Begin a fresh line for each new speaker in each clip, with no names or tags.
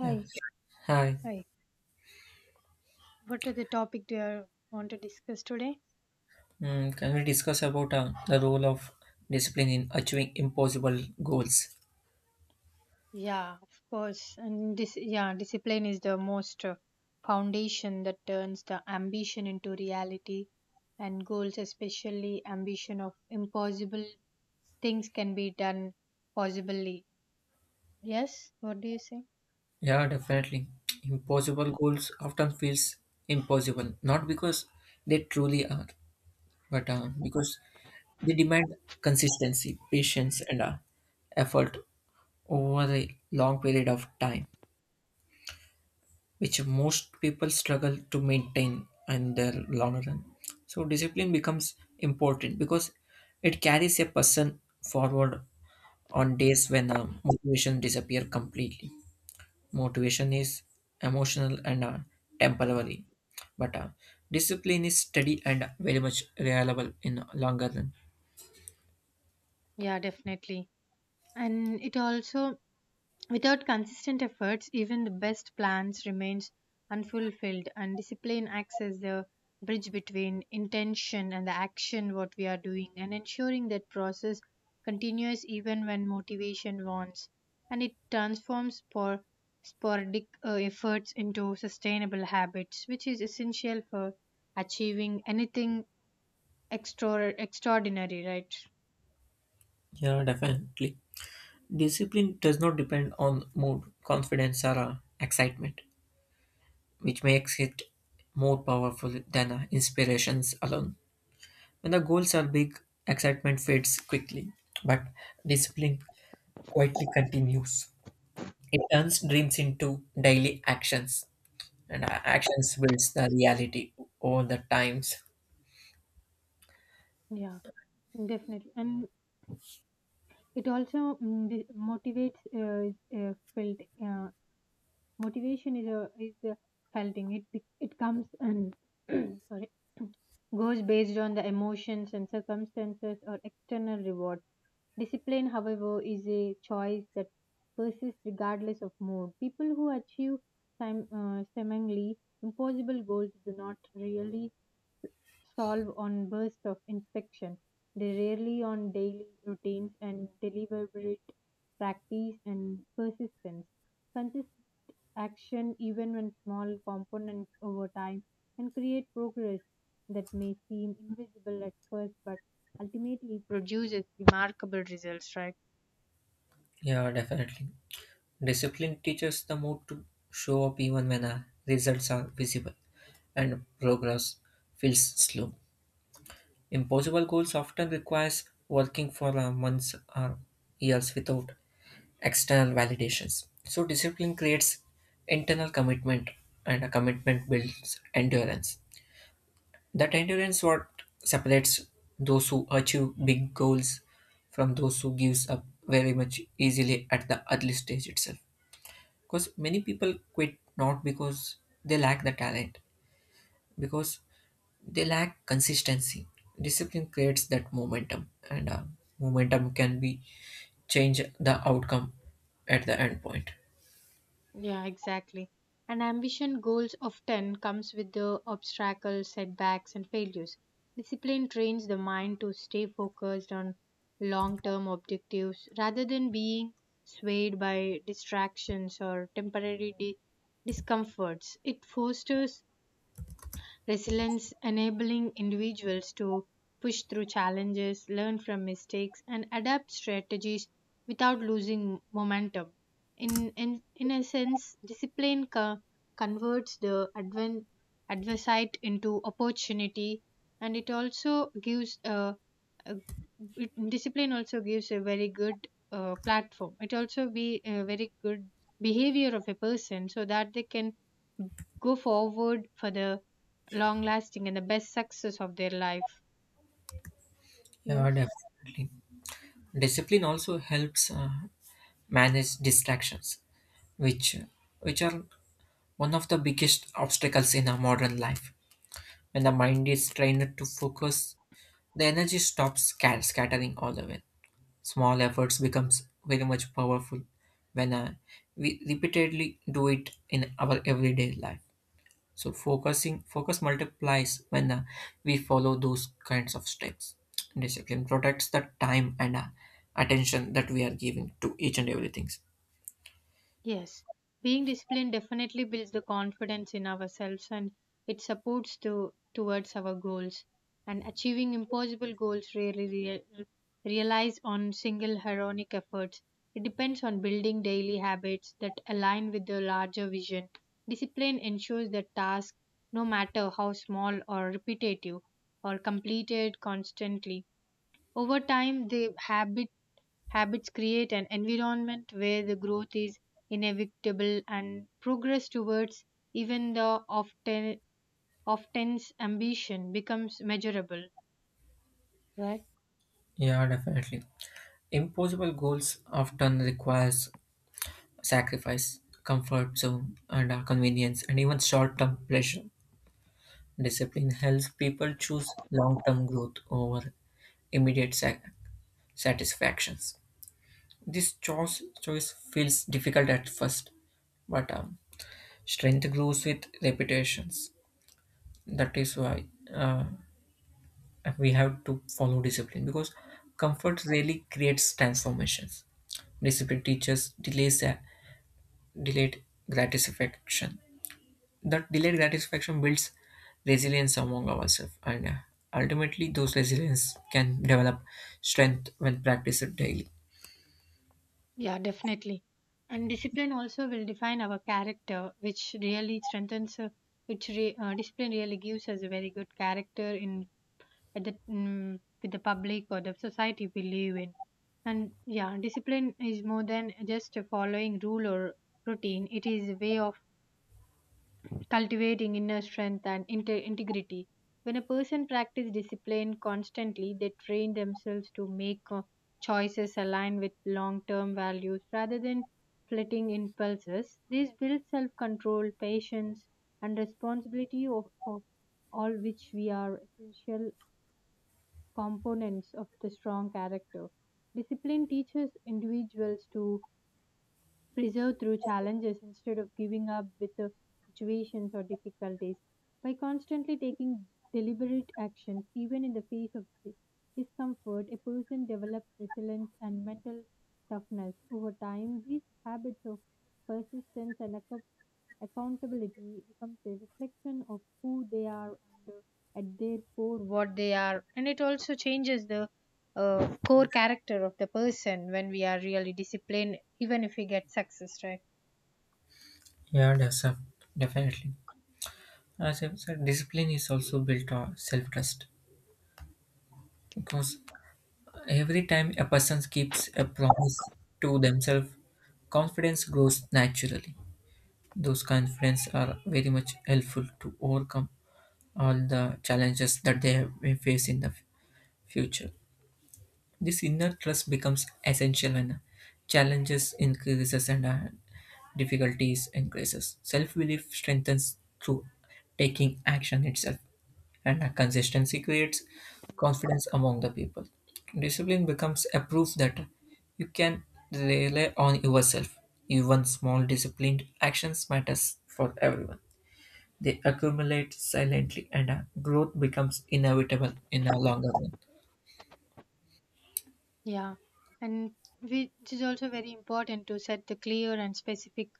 Yeah. Hi.
hi. What are the topic do you want to discuss today?
Can we discuss about the role of discipline in achieving impossible goals?
Yeah, of course. And this, yeah, discipline is the most foundation that turns the ambition into reality, and goals, especially ambition of impossible things, can be done possibly. Yes. What do you say?
Yeah, definitely. Impossible goals often feels impossible, not because they truly are, but because they demand consistency, patience, and effort over a long period of time, which most people struggle to maintain in their longer run. So discipline becomes important because it carries a person forward on days when motivation disappear completely. Motivation is emotional and temporary, but discipline is steady and very much reliable in longer run.
Yeah, definitely. And it also without consistent efforts, even the best plans remains unfulfilled and discipline acts as the bridge between intention and the action what we are doing and ensuring that process continues even when motivation wants and it transforms sporadic efforts into sustainable habits which is essential for achieving anything extraordinary, right?
Yeah, definitely. Discipline does not depend on mood, confidence, or excitement, which makes it more powerful than inspirations alone. When the goals are big, excitement fades quickly, but discipline quietly continues. It turns dreams into daily actions, and actions builds the reality over the times.
Yeah, definitely. And it also motivates felt. uh, Motivation is a felt thing. It comes and sorry goes based on the emotions and circumstances or external rewards. Discipline, however, is a choice that persists regardless of mood. People who achieve seemingly impossible goals do not really solve on bursts of inspection. They rarely on daily routines and deliberate practice and persistence. Consist action even when small components over time and create progress that may seem invisible at first but ultimately produces remarkable results, right?
Yeah, definitely. Discipline teaches the mood to show up even when results are visible and progress feels slow. Impossible goals often requires working for months or years without external validations. So discipline creates internal commitment, and a commitment builds endurance. That endurance what separates those who achieve big goals from those who gives up very much easily at the early stage itself. Because many people quit not because they lack the talent, because they lack consistency. Discipline creates that momentum, and momentum can be change the outcome at the end point.
Yeah, exactly. And ambition goals often comes with the obstacles, setbacks, and failures. Discipline trains the mind to stay focused on long-term objectives rather than being swayed by distractions or temporary discomforts. It fosters resilience, enabling individuals to push through challenges, learn from mistakes, and adapt strategies without losing momentum. In a sense, discipline converts the adversite into opportunity, and it also gives a discipline also gives a very good platform. It also be a very good behavior of a person so that they can go forward for the long lasting and the best success of their life.
Yeah,
Yes.
definitely. Discipline also helps manage distractions, which which are one of the biggest obstacles in our modern life. When the mind is trained to focus, the energy stops scattering all the way. Small efforts becomes very much powerful when we repeatedly do it in our everyday life. So focus multiplies when we follow those kinds of steps. Discipline protects the time and attention that we are giving to each and everything.
Yes, being disciplined definitely builds the confidence in ourselves and it supports to towards our goals. And achieving impossible goals rarely relies on single heroic efforts. It depends on building daily habits that align with the larger vision. Discipline ensures that tasks, no matter how small or repetitive, are completed constantly. Over time, the habits create an environment where the growth is inevitable and progress towards even the often often's ambition becomes measurable, right?
Yeah, definitely. Impossible goals often requires sacrifice comfort zone and our convenience and even short-term pleasure. Discipline helps people choose long-term growth over immediate satisfactions. This choice feels difficult at first, but strength grows with repetitions. That is why, uh, we have to follow discipline because comfort really creates transformations. Discipline teaches delays delayed gratification. That delayed gratification builds resilience among ourselves, and ultimately those resilience can develop strength when practiced daily.
Yeah, definitely. And discipline also will define our character, which really strengthens, discipline really gives us a very good character in at the with the public or the society we live in. And yeah, discipline is more than just following rule or routine. It is a way of cultivating inner strength and integrity. When a person practices discipline constantly, they train themselves to make choices aligned with long term values rather than flitting impulses. This builds self control, patience, and responsibility of all which we are essential components of the strong character. Discipline teaches individuals to preserve through challenges instead of giving up with the situations or difficulties. By constantly taking deliberate actions, even in the face of discomfort, a person develops resilience and mental toughness over time. These habits of persistence and accountability becomes a reflection of who they are and at their core what they are, and it also changes the core character of the person when we are really disciplined, even if we get success, right?
yeah that's a, Definitely, as I said, discipline is also built on self-trust, because every time a person keeps a promise to themselves, confidence grows naturally. Those confidence are very much helpful to overcome all the challenges that they may face in the future. This inner trust becomes essential when challenges increases and difficulties increases. Self-belief strengthens through taking action itself, and consistency creates confidence among the people. Discipline becomes a proof that you can rely on yourself. Even small disciplined actions matters for everyone. They accumulate silently, and growth becomes inevitable in the longer run.
Yeah, and which is also very important to set the clear and specific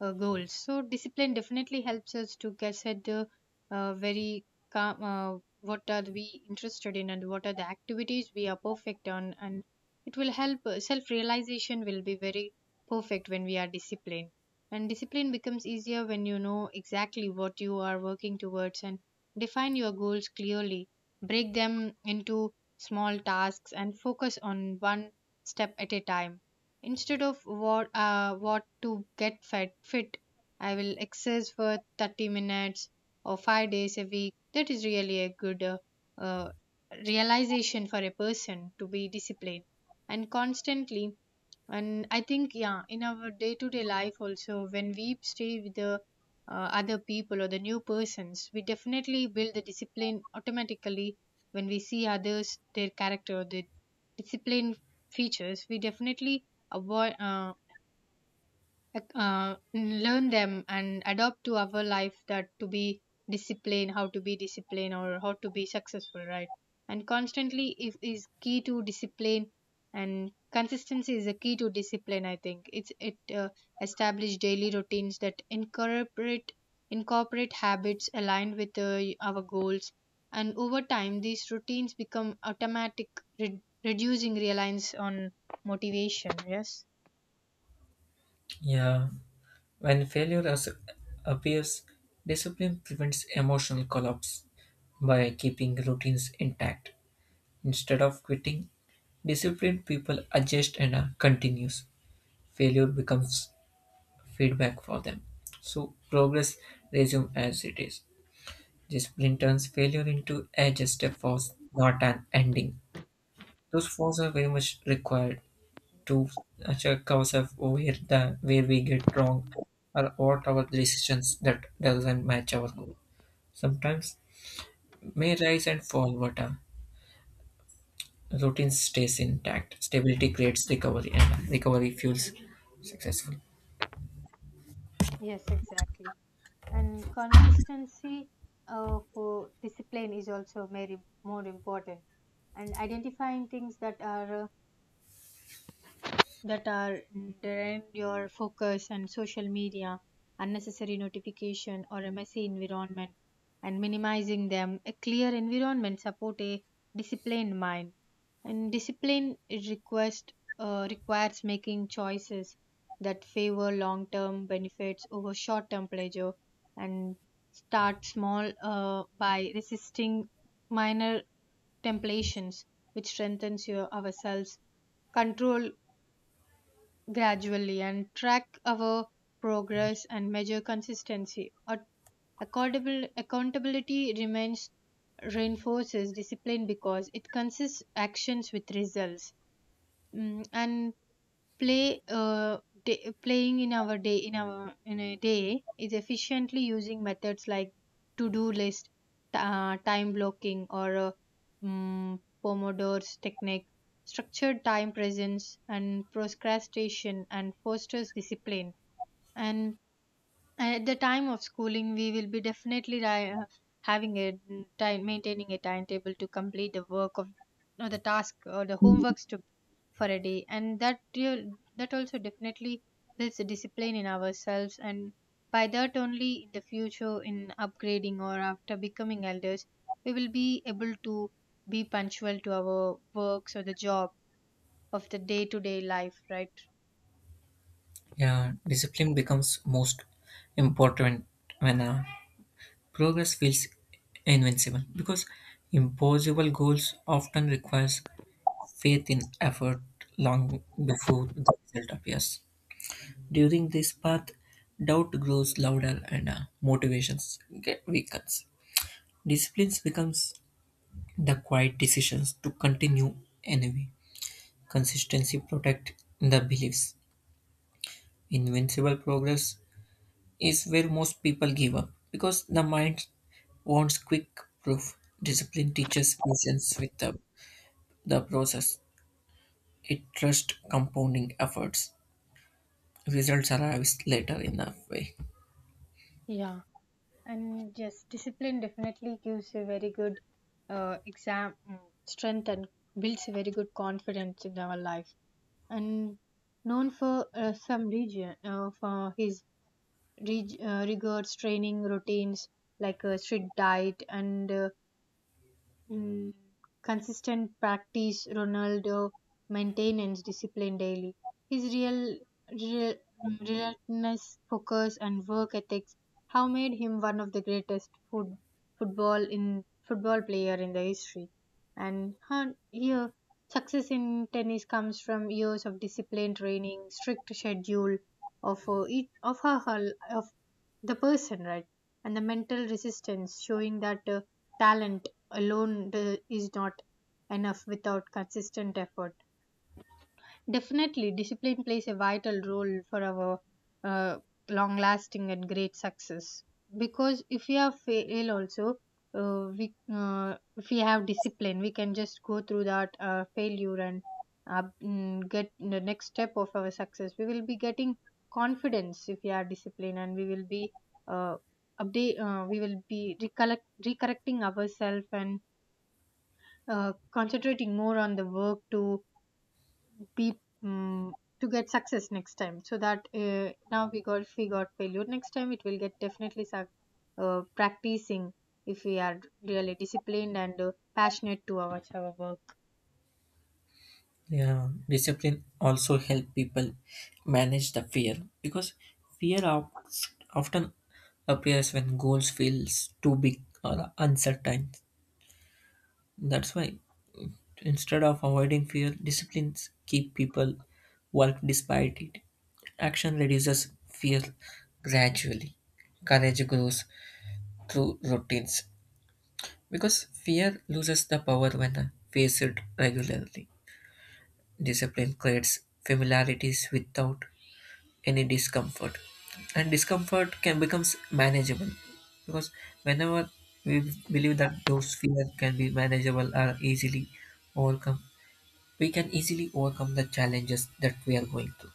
goals. So discipline definitely helps us to get set the very calm, what are we interested in and what are the activities we are perfect on, and it will help self-realization will be very perfect when we are disciplined. And discipline becomes easier when you know exactly what you are working towards and define your goals clearly. Break them into small tasks and focus on one step at a time. Instead of what to get fed, fit, I will exercise for 30 minutes or 5 days a week. That is really a good uh, realization for a person to be disciplined and constantly. And I think, yeah, in our day to day life also, when we stay with the other people or the new persons, we definitely build the discipline automatically when we see others, their character, their discipline features. We definitely avoid. Learn them and adopt to our life that to be disciplined, how to be disciplined or how to be successful, right? And constantly if, is key to discipline and consistency is a key to discipline. I think it establish daily routines that incorporate habits aligned with our goals, and over time these routines become automatic, reducing reliance on motivation. Yes.
Yeah. When appears, discipline prevents emotional collapse by keeping routines intact. Instead of quitting, disciplined people adjust and are continuous. Failure becomes feedback for them. So progress resumes as it is. Discipline turns failure into a just a force, not an ending. Those forces are very much required to check ourselves where the where we get wrong or what our decisions that doesn't match our goal. Sometimes may rise and fall, but a routine stays intact. Stability creates recovery, and recovery fuels successful.
Yes, exactly. And consistency for discipline is also very more important, and identifying things that are drained your focus and social media, unnecessary notification or a messy environment and minimizing them. A clear environment support a disciplined mind. And discipline it request requires making choices that favor long-term benefits over short-term pleasure, and start small by resisting minor temptations which strengthens your ourselves control gradually and track our progress and measure consistency. Accountability remains reinforces discipline because it consists actions with results. And play uh, playing in our day in our in a day is efficiently using methods like to do list, time blocking or mm, pomodoro's technique structured time presence and procrastination and fosters discipline. And at the time of schooling we will be definitely having a time maintaining a timetable to complete the work of or the task or the homeworks to for a day, and that that also definitely builds a discipline in ourselves, and by that only in the future in upgrading or after becoming elders, we will be able to be punctual to our works or the job of the day to day life, right?
Yeah, discipline becomes most important when progress feels invincible, because impossible goals often requires faith in effort long before the result appears. During this path, doubt grows louder and motivations get weakens. Discipline becomes the quiet decisions to continue anyway. Consistency protect the beliefs. Invincible progress is where most people give up because the mind wants quick proof. Discipline teaches patience with the process. It trusts compounding efforts. Results arrive later in a way.
Yeah. And yes, discipline definitely gives a very good uh, exam mm, strength and builds a very good confidence in our life. And known for some region for his rigorous training routines like a strict diet and Mm, consistent practice, Ronaldo maintains discipline daily. His real mm, relentless focus and work ethics have made him one of the greatest football player in the history. And here, success in tennis comes from years of disciplined training, strict schedule of each of of the person, right, and the mental resistance, showing that talent alone is not enough without consistent effort. Definitely, discipline plays a vital role for our uh, long lasting and great success. Because if we are fail also, we if we have discipline, we can just go through that failure and get the next step of our success. We will be getting confidence if we are disciplined, and we will be uh, update. We will be recorrecting ourselves and concentrating more on the work to be um, to get success next time, so that now we got if we got failure next time it will get definitely suc practicing, if we are really disciplined and passionate to our work.
Yeah, discipline also help people manage the fear, because fear of, often appears when goals feels too big or uncertain. That's why instead of avoiding fear, disciplines keep people work despite it. Action reduces fear gradually. Courage grows through routines because fear loses the power when faced regularly. Discipline creates familiarities without any discomfort, and discomfort can becomes manageable, because whenever we believe that those fears can be manageable or easily overcome, we can easily overcome the challenges that we are going through.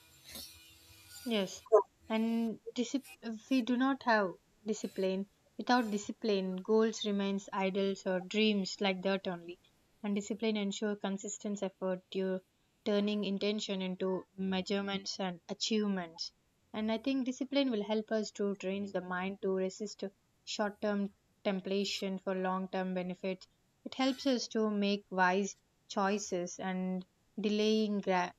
Yes, and if we do not have discipline, without discipline, goals remains idols or dreams like that only. And discipline ensure consistent effort, you turning intention into measurements and achievements. And I think discipline will help us to train the mind to resist short-term temptation for long-term benefits. It helps us to make wise choices and delaying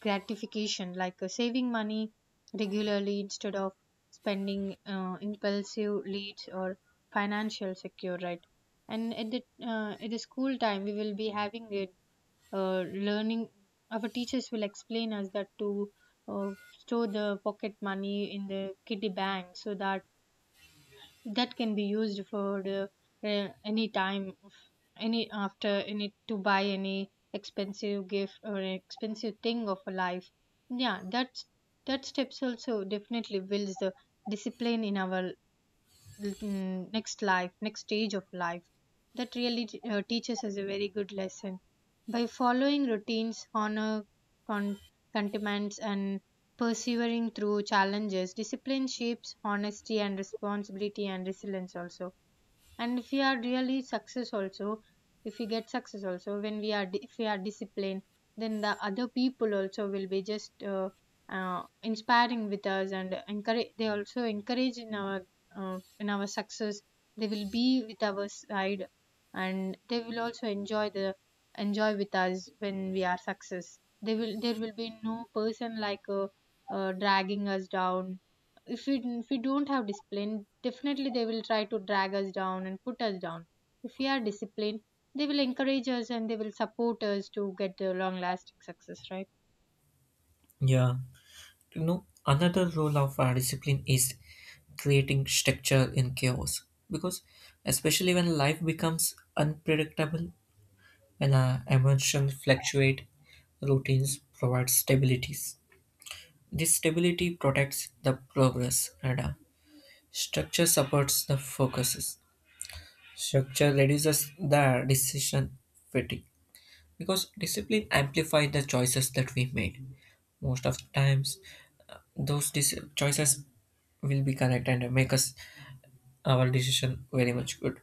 gratification like saving money regularly instead of spending impulsive leads or financial secure, right? And at the school time we will be having it uh, learning our teachers will explain us that to store the pocket money in the kitty bank so that that can be used for the, any time of any to buy any expensive gift or an expensive thing of a life. Yeah, that's that steps also definitely builds the discipline in our next life, next stage of life. That really teaches us a very good lesson. By following routines, honor, con- contentments, and persevering through challenges, discipline shapes honesty and responsibility and resilience also. And if we are really success also, if we get success also when we are, if we are disciplined, then the other people also will be just inspiring with us and encourage, they also encourage in our success. They will be with our side, and they will also enjoy the enjoy with us when we are success. They will, there will be no person like dragging us down if we, if we don't have discipline. Definitely they will try to drag us down and put us down. If we are disciplined, they will encourage us and they will support us to get the long lasting success, right?
Yeah, you know, another role of our discipline is creating structure in chaos, because especially when life becomes unpredictable, when our emotions fluctuate, routines provide stability. This stability protects the progress radar. Structure supports the focuses. Structure reduces the decision fatigue, because discipline amplifies the choices that we made. Most of the times, those choices will be correct and make us our decision very much good.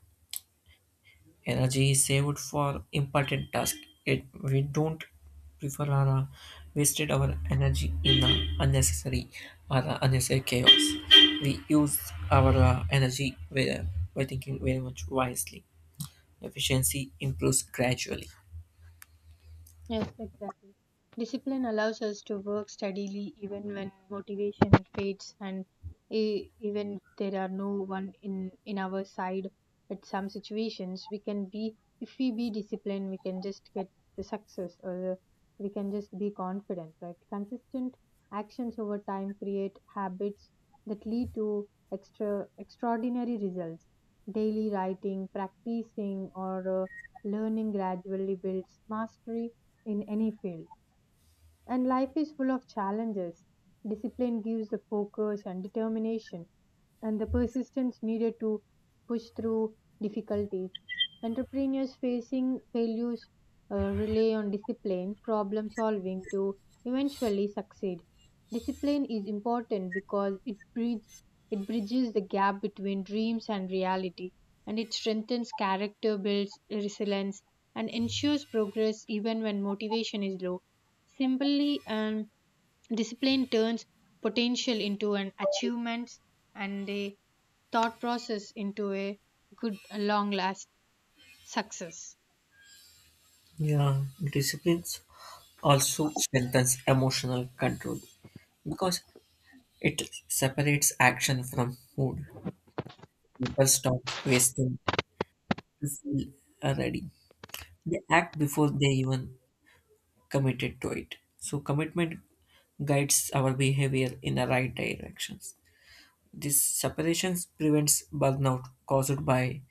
Energy is saved for important tasks. It we don't prefer or wasted our energy in unnecessary or unnecessary chaos. We use our energy where by thinking very much wisely. Efficiency improves gradually.
Yes, exactly. Discipline allows us to work steadily even when motivation fades, and even if there are no one in our side. At some situations we can be, if we be disciplined we can just get the success, or the, we can just be confident, right? Consistent actions over time create habits that lead to extraordinary results. Daily writing practicing or learning gradually builds mastery in any field. And life is full of challenges. Discipline gives the focus and determination, and the persistence needed to push through difficulties. Entrepreneurs facing failures rely on discipline, problem solving to eventually succeed. Discipline is important because it bridges the gap between dreams and reality, and it strengthens character, builds resilience, and ensures progress even when motivation is low. Simply and discipline turns potential into an achievement, and a thought process into a good long last success.
Yeah, disciplines also strengthens emotional control because it separates action from mood. People stop wasting to feel ready. They act before they even committed to it. So commitment guides our behavior in the right directions. This separations prevents burnout caused by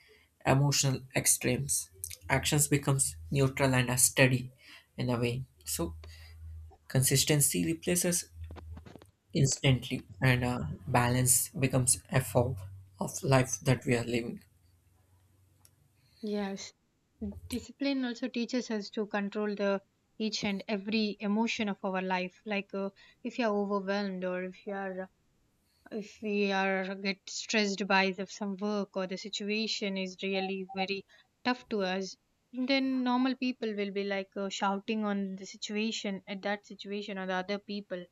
emotional extremes. Actions becomes neutral and are steady in a way. So consistency replaces instantly, and balance becomes a form of life that we are living.
Yes. Discipline also teaches us to control the each and every emotion of our life. Like if you are overwhelmed, or if you are if we are get stressed by the, some work, or the situation is really very tough to us, then normal people will be like shouting on the situation at that situation or the other people,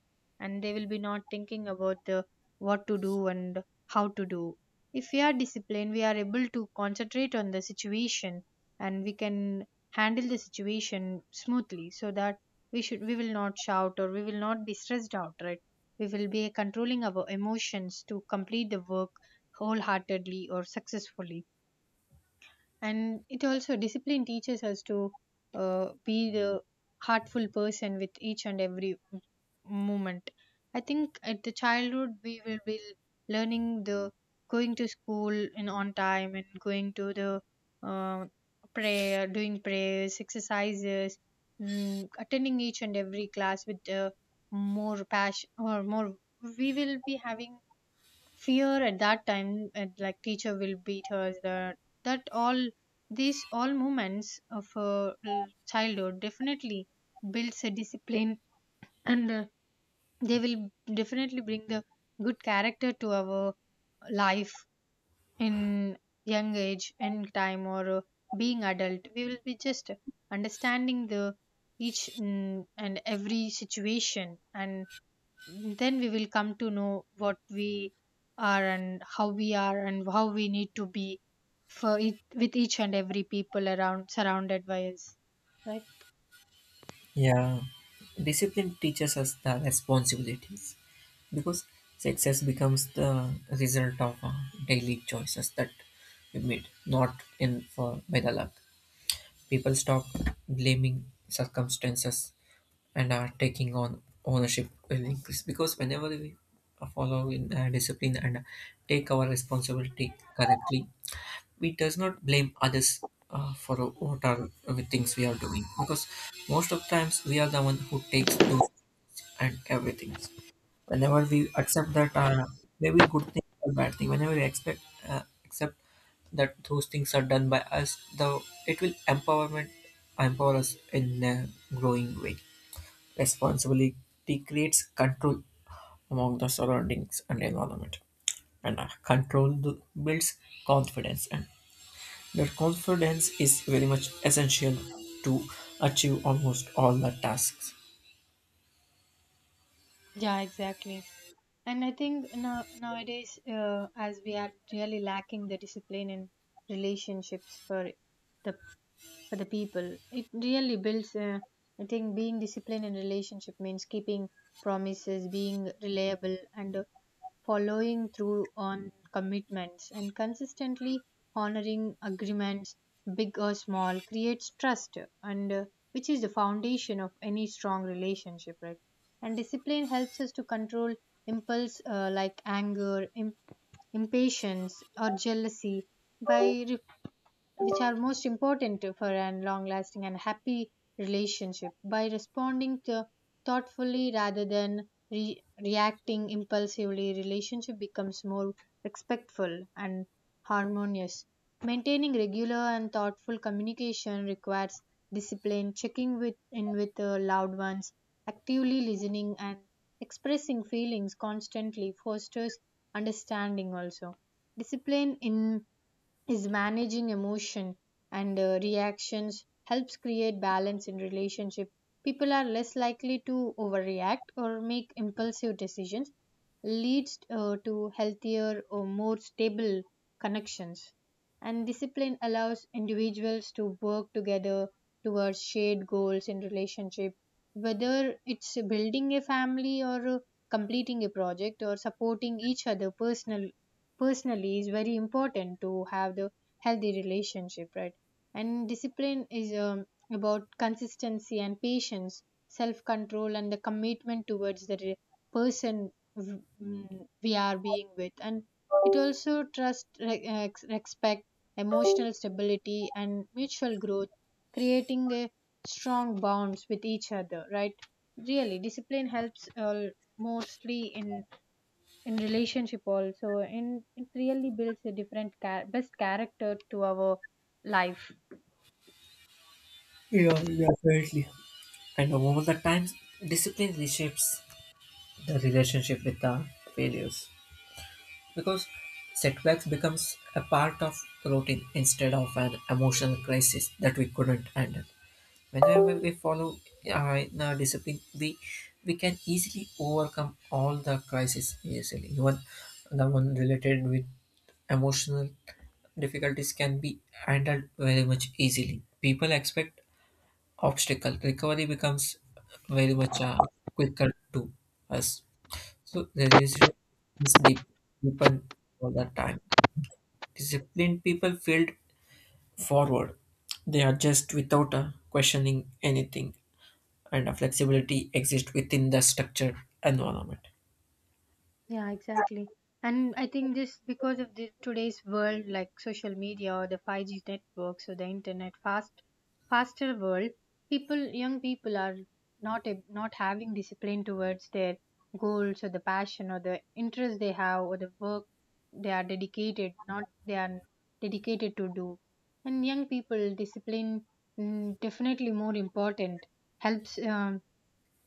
and they will be not thinking about the what to do and how to do. If we are disciplined, we are able to concentrate on the situation, and we can handle the situation smoothly, so that we should, we will not shout or we will not be stressed out, right? We will be controlling our emotions to complete the work wholeheartedly or successfully. And it also, discipline teaches us to be the heartful person with each and every moment. I think at the childhood we will be learning the going to school in on time, and going to the uh, prayer, doing prayers exercises, attending each and every class with more passion or more. We will be having fear at that time, and like teacher will beat her, that that all, these all moments of her childhood definitely builds a discipline. And they will definitely bring the good character to our life. In young age and time, or being adult, we will be just understanding the each and every situation, and then we will come to know what we are and how we are and how we need to be for it with each and every people around surrounded by us, right?
Yeah, discipline teaches us the responsibilities, because success becomes the result of daily choices that we made, not in for by the luck. People stop blaming circumstances and are taking on ownership will increase, because whenever we follow in discipline and take our responsibility correctly, we does not blame others for what are the things we are doing, because most of times we are the one who takes those and everything. Whenever we accept that, maybe good thing or bad thing, whenever we expect accept that those things are done by us though, it will empowerment empower us in a growing way. Responsibility creates control among the surroundings and environment, and builds confidence, and that confidence is very much essential to achieve almost all the tasks.
Yeah, exactly. And I think now, nowadays as we are really lacking the discipline in relationships for the, for the people, it really builds I think being disciplined in relationship means keeping promises, being reliable, and following through on commitments, and consistently honoring agreements, big or small, creates trust, and which is the foundation of any strong relationship, right? And discipline helps us to control impulse like anger, impatience, or jealousy, by which are most important for a long lasting and happy relationship. By responding to thoughtfully rather than reacting impulsively, relationship becomes more respectful and harmonious. Maintaining regular and thoughtful communication requires discipline, checking with in with loved ones, actively listening and expressing feelings constantly fosters understanding also. Discipline in is managing emotion and reactions helps create balance in relationship. People are less likely to overreact or make impulsive decisions, leads to healthier or more stable connections. And discipline allows individuals to work together towards shared goals in relationship, whether it's building a family, or completing a project, or supporting each other personally. Personally is very important to have the healthy relationship, right? And discipline is about consistency and patience, self control and the commitment towards the person we are being with. And it also trust respect, emotional stability and mutual growth, creating a strong bonds with each other, right? Really discipline helps mostly in relationship also, and it really builds a different best character to our life.
Yeah, definitely. And over the time, discipline reshapes the relationship with the failures, because setbacks becomes a part of routine instead of an emotional crisis that we couldn't handle. Whenever we follow in a discipline, we can easily overcome all the crises easily, even the one related with emotional difficulties can be handled very much easily. People expect obstacle. Recovery becomes very much quicker to us. So the relationship is deepen all the time. Disciplined people field forward. They adjust without questioning anything, and flexibility exists within the structured environment.
Yeah, exactly. And I think this because of the today's world like social media or the 5G network, so the internet fast faster world, people, young people are not having discipline towards their goals or the passion or the interest they have, or the work they are dedicated, not they are dedicated to do. And young people discipline, definitely more important, helps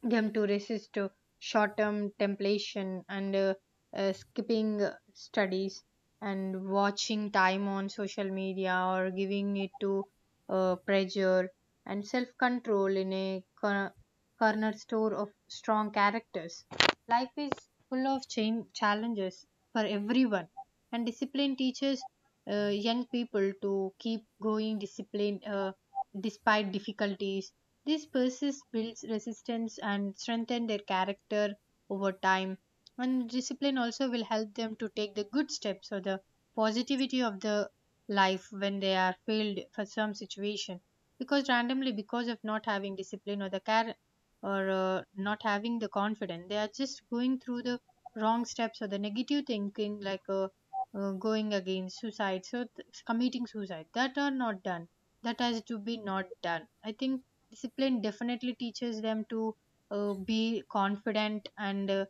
them to resist to short-term temptation, and skipping studies and watching time on social media, or giving it to pressure. And self-control in a corner store of strong characters. Life is full of chain challenges for everyone, and discipline teaches young people to keep going disciplined despite difficulties. This process builds resistance and strengthen their character over time. And discipline also will help them to take the good steps or the positivity of the life when they are failed for some situation. Because randomly, because of not having discipline or the care, or not having the confidence, they are just going through the wrong steps or the negative thinking, like going against suicide, so committing suicide. That are not done. That has to be not done. I think discipline definitely teaches them to be confident, and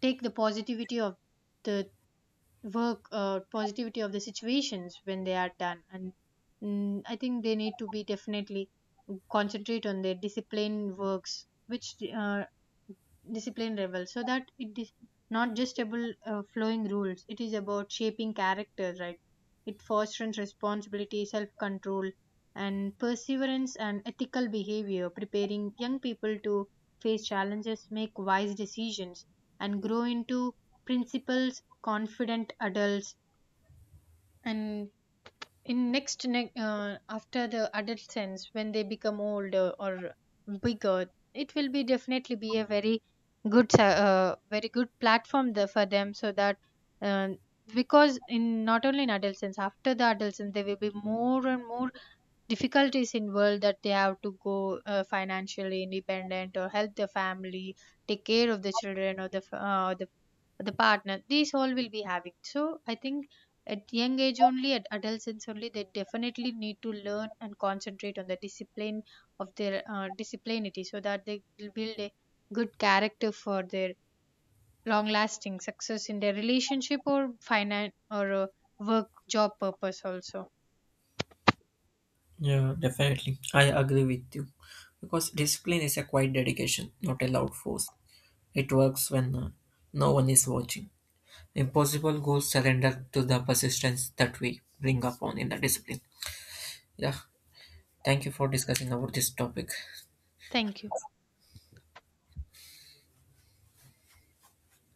take the positivity of the work, positivity of the situations when they are done. And I think they need to be definitely concentrate on their discipline works, which discipline rebel, so that it is not just about flowing rules, it is about shaping character, right? It fosters responsibility, self control, and perseverance and ethical behavior, preparing young people to face challenges, make wise decisions, and grow into principles, confident adults. And in after the adolescence, when they become older or bigger, it will be definitely be a very good very good platform there for them, so that uh, because in not only in adolescence, after the adolescence there will be more and more difficulties involved, that they have to go financially independent, or help the family, take care of the children, or the the partner, these all will be having. So I think at young age only, at adolescence only, they definitely need to learn and concentrate on the discipline of their disciplinity, so that they will build a good character for their long lasting success in their relationship, or finance, or work job purpose also.
Yeah, definitely. I agree with you because discipline is a quiet dedication, not a loud force. It works when no one is watching. Impossible goals surrender to the persistence that we bring upon in the discipline. Yeah, thank you for discussing about this topic.
Thank you.